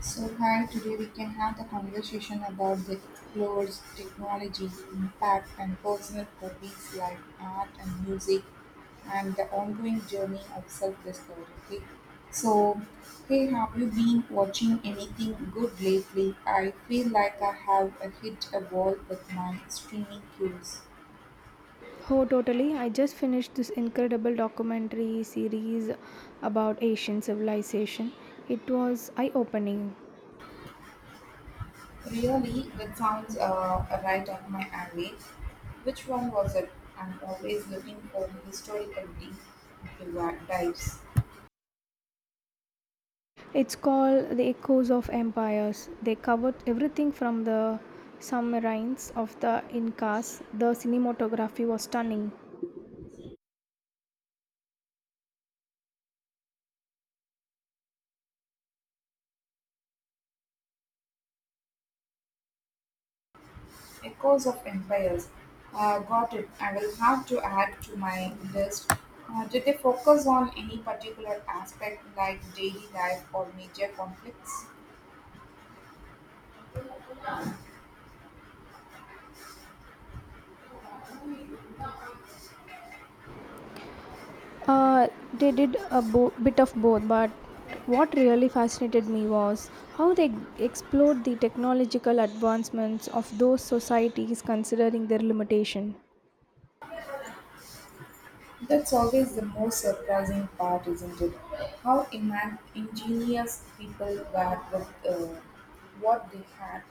So, hi, today we can have the conversation about the explores, technology, impact, and personal hobbies like art and music, and the ongoing journey of self discovery. Okay? So, hey, have you been watching anything good lately? I feel like I have hit a wall with my streaming cues. Oh, totally. I just finished this incredible documentary series about Asian civilization. It was eye opening. Really, that sounds right up my alley. Which one was it? I'm always looking for historical div- dives. It's called The Echoes of Empires. They covered everything from the submarines of the Incas. The cinematography was stunning. Echoes of Empires. Got it. I will have to add to my list. Did they focus on any particular aspect like daily life or major conflicts? Uh, they did a bit of both, but what really fascinated me was how they explored the technological advancements of those societies considering their limitation. That's always the most surprising part, isn't it? How ingenious people were with what they had.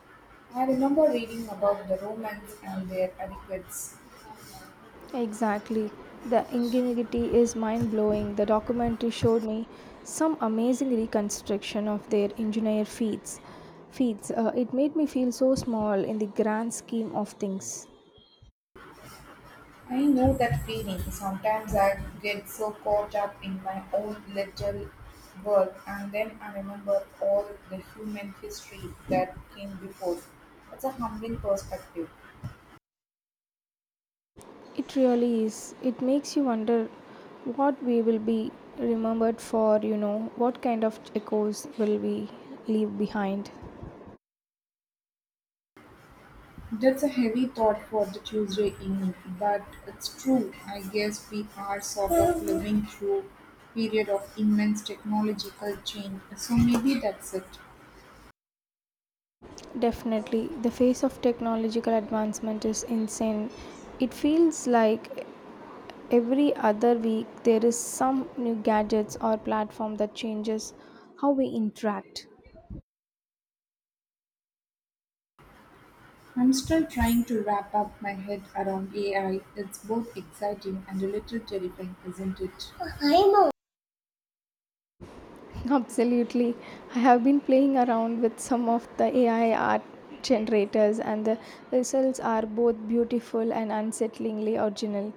I remember reading about the Romans and their adequates. Exactly. The ingenuity is mind blowing. The documentary showed me some amazing reconstruction of their engineer feats. Feats. It made me feel so small in the grand scheme of things. I know that feeling. Sometimes I get so caught up in my own little world, and then I remember all the human history that came before. That's a humbling perspective. It really is. It makes you wonder what we will be remembered for. You know, what kind of echoes will we leave behind? That's a heavy thought for the Tuesday evening, but it's true. I guess we are sort of living through period of immense technological change, so maybe that's it. Definitely, the face of technological advancement is insane. It feels like every other week, there is some new gadgets or platform that changes how we interact. I'm still trying to wrap up my head around AI. It's both exciting and a little terrifying, isn't it? I know. Absolutely. I have been playing around with some of the AI art generators, and the results are both beautiful and unsettlingly original.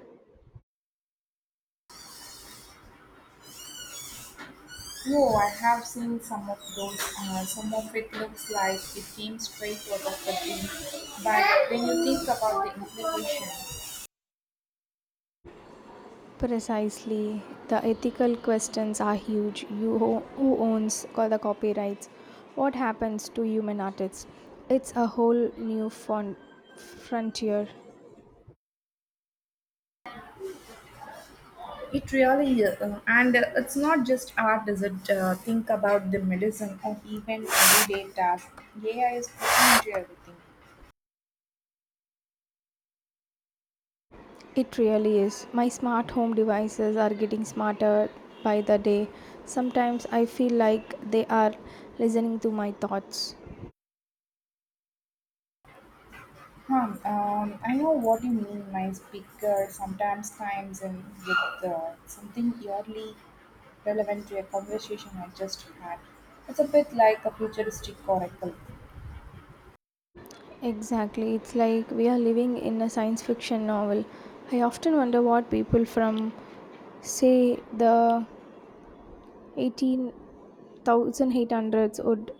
Oh, I have seen some of those. Some of it looks like it came straight out of a dream. But when you think about the implications, Precisely. The ethical questions are huge. Who owns all the copyrights? What happens to human artists? It's a whole new frontier. it really is. And it's not just art, is it? Think about the medicine or even everyday tasks. AI is putting into everything. It really is. My smart home devices are getting smarter by the day. Sometimes I feel like they are listening to my thoughts. Hmm. I know what you mean. My speaker sometimes times in with something purely relevant to a conversation I just had. It's a bit like a futuristic oracle. Exactly. It's like we are living in a science fiction novel. I often wonder what people from, say, the 18,800s would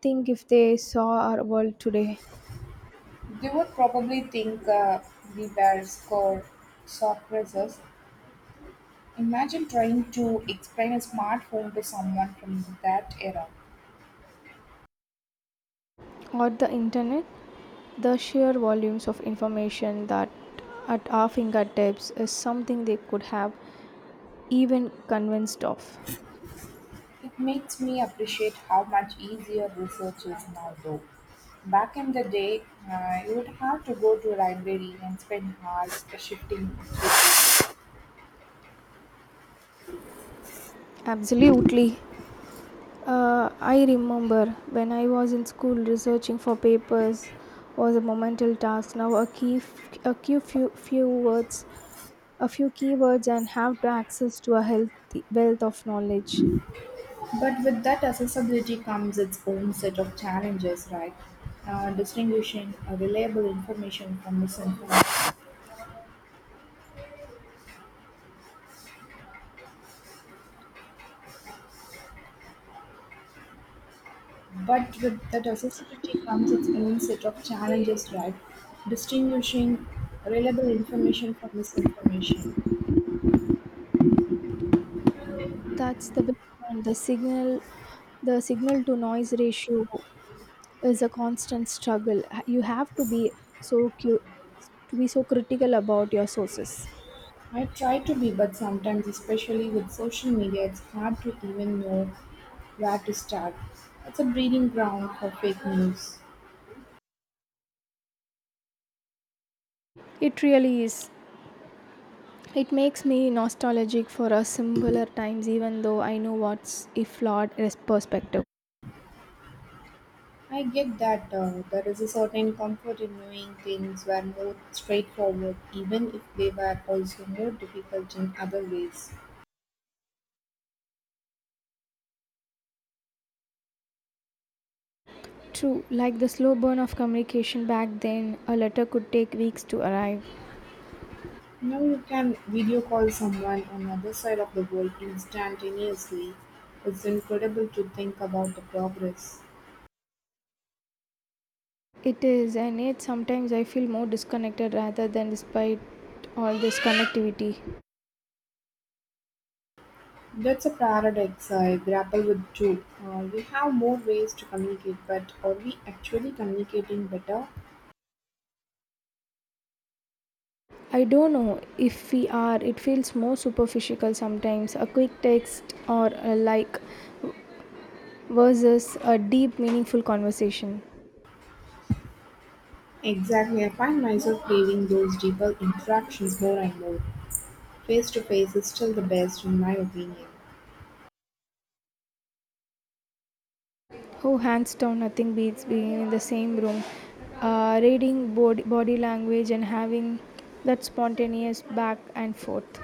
think if they saw our world today, They would probably think we were score sophisters. Imagine trying to explain a smart home to someone from that era. or the internet. The sheer volumes of information that at our fingertips is something they could have even convinced of. It makes me appreciate how much easier research is now, though. Back in the day, you would have to go to a library and spend hours shifting. Absolutely. I remember when I was in school researching for papers was a monumental task. Now a key, a few words, a few keywords, and have to access to a healthy wealth of knowledge. But with that accessibility comes its own set of challenges, right? Distinguishing reliable information from misinformation. But with that accessibility comes its own set of challenges, right? Distinguishing reliable information from misinformation. That's the big one. The signal to noise ratio is a constant struggle. You have to be so cu- to be so critical about your sources. I try to be, but sometimes, especially with social media, it's hard to even know where to start. It's a breeding ground for fake news. It really is. It makes me nostalgic for a simpler times, even though I know what's a perspective. I get that, there is a certain comfort in knowing things were more straightforward, even if they were also more difficult in other ways. True, like the slow burn of communication back then, a letter could take weeks to arrive. Now you can video call someone on the other side of the world instantaneously. It's incredible to think about the progress. It is, and yet sometimes I feel more disconnected rather than despite all this connectivity. That's a paradox I grapple with too. We have more ways to communicate, but are we actually communicating better? I don't know if we are. It feels more superficial sometimes, a quick text or a like versus a deep, meaningful conversation. Exactly, I find myself craving those deeper interactions more and more. Face to face is still the best, in my opinion. Oh, hands down, nothing beats being in the same room, reading body language and having that spontaneous back and forth.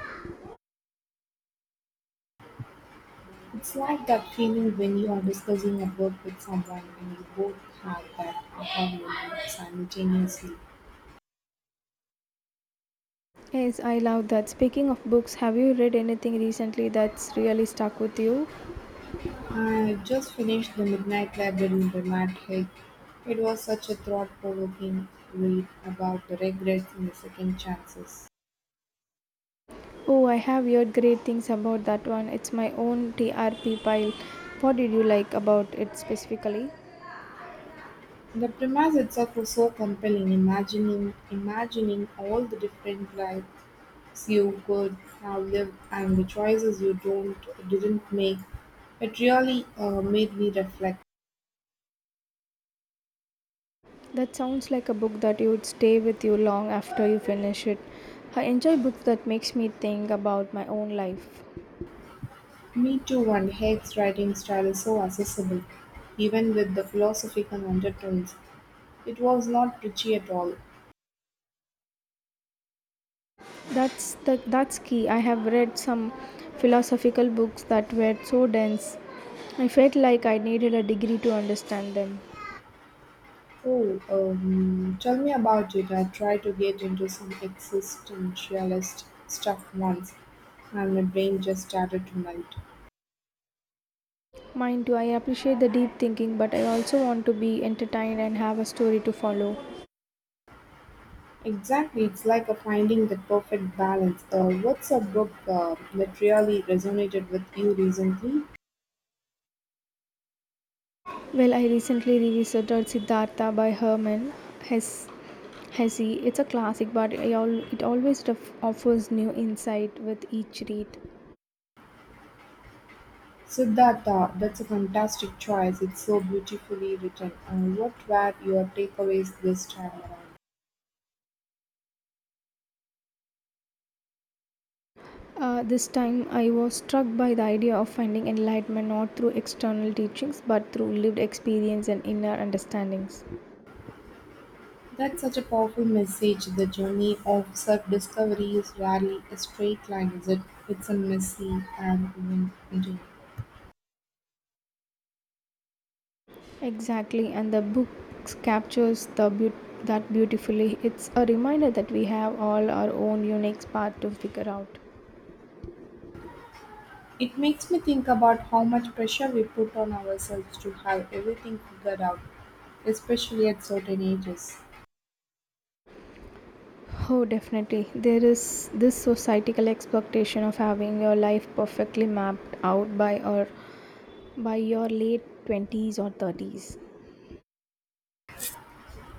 It's like that feeling when you are discussing a book with someone and you both have that aha moment simultaneously. Yes, I love that. Speaking of books, have you read anything recently that's really stuck with you? I just finished The Midnight Library by Matt Haig. It was such a thought provoking read about the regrets and the second chances. Oh, I have heard great things about that one. It's my own TRP pile. What did you like about it specifically? The premise itself was so compelling, imagining all the different lives you could have lived and the choices you don't didn't make. It really made me reflect. That sounds like a book that you would stay with you long after you finish it. I enjoy books that makes me think about my own life. Me too, and Haig's writing style is so accessible, even with the philosophical undertones. It was not preachy at all. That's key. I have read some philosophical books that were so dense. I felt like I needed a degree to understand them. Oh, tell me about it. I tried to get into some existentialist stuff once, and my brain just started to melt. Mine too. I appreciate the deep thinking, but I also want to be entertained and have a story to follow. Exactly, it's like a finding the perfect balance. What's a book that really resonated with you recently? Well, I recently revisited Siddhartha by Herman Hesse. Hesse. It's a classic, but it always offers new insight with each read. Siddhartha, that's a fantastic choice. It's so beautifully written. What were your takeaways this time around? This time, I was struck by the idea of finding enlightenment not through external teachings but through lived experience and inner understandings. That's such a powerful message. The journey of self discovery is rarely a straight line, is it? It's a messy and winding. Exactly, and the book captures the that beautifully. It's a reminder that we have all our own unique path to figure out. It makes me think about how much pressure we put on ourselves to have everything figured out, especially at certain ages, Oh, definitely. There is this societal expectation of having your life perfectly mapped out by or by your late 20s or 30s.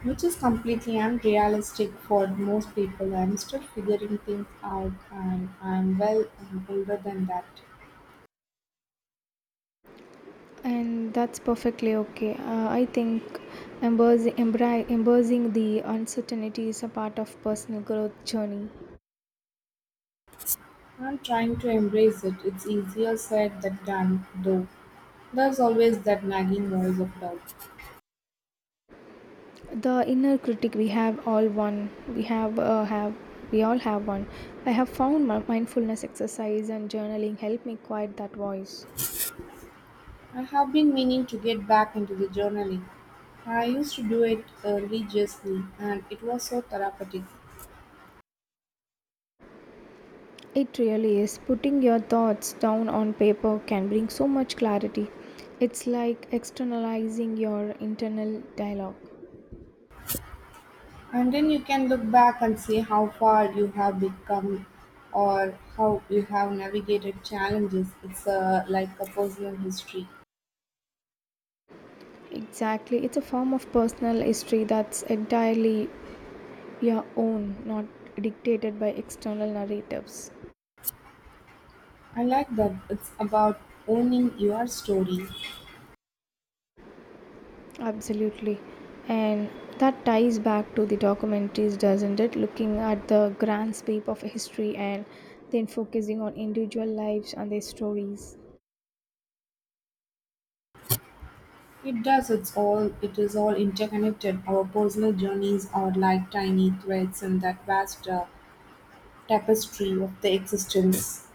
which is completely unrealistic for most people. I'm still figuring things out, and I'm well older than that. And that's perfectly okay. I think embracing the uncertainty is a part of personal growth journey. I'm trying to embrace it. It's easier said than done, though. There's always that nagging voice of doubt. The inner critic, we have all one. We have uh, have we all have one. I have found my mindfulness exercise and journaling help me quiet that voice. I have been meaning to get back into the journaling. I used to do it religiously, and it was so therapeutic. It really is. Putting your thoughts down on paper can bring so much clarity. It's like externalizing your internal dialogue. And then you can look back and see how far you have become or how you have navigated challenges. It's like a personal history. Exactly. It's a form of personal history that's entirely your own, not dictated by external narratives. I like that it's about owning your story. Absolutely. And that ties back to the documentaries, doesn't it? Looking at the grand sweep of history and then focusing on individual lives and their stories. It does. It is all interconnected. Our personal journeys are like tiny threads in that vast tapestry of the existence.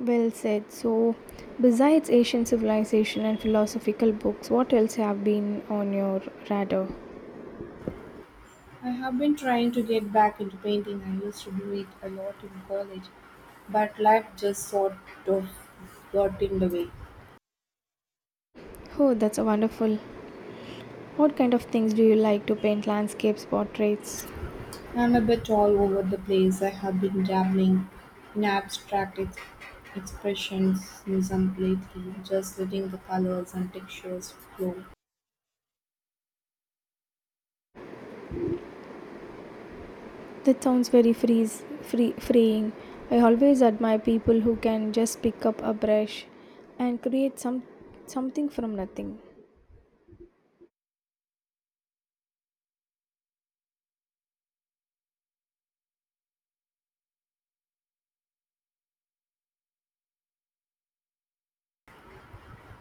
Well said. So, besides Asian civilization and philosophical books, what else have been on your radar? I have been trying to get back into painting. I used to do it a lot in college, but life just sort of got in the way. Oh, that's a wonderful. What kind of things do you like to paint? Landscapes, portraits? I'm a bit all over the place. I have been dabbling in expressionism lately, just letting the colors and textures flow. That sounds very freeing. I always admire people who can just pick up a brush and create something from nothing.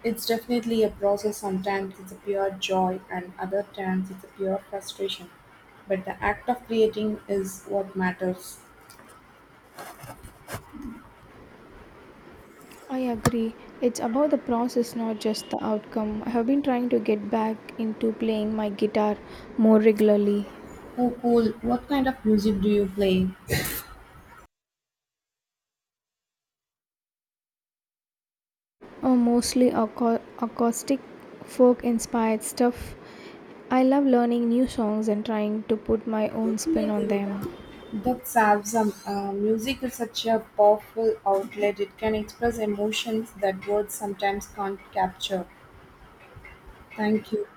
It's definitely a process. Sometimes it's a pure joy, and other times it's a pure frustration. But the act of creating is what matters. I agree. It's about the process, not just the outcome. I have been trying to get back into playing my guitar more regularly. Oh, cool. What kind of music do you play? Oh, mostly acoustic folk inspired stuff. I love learning new songs and trying to put my own spin on them. That serves music is such a powerful outlet. It can express emotions that words sometimes can't capture. Thank you.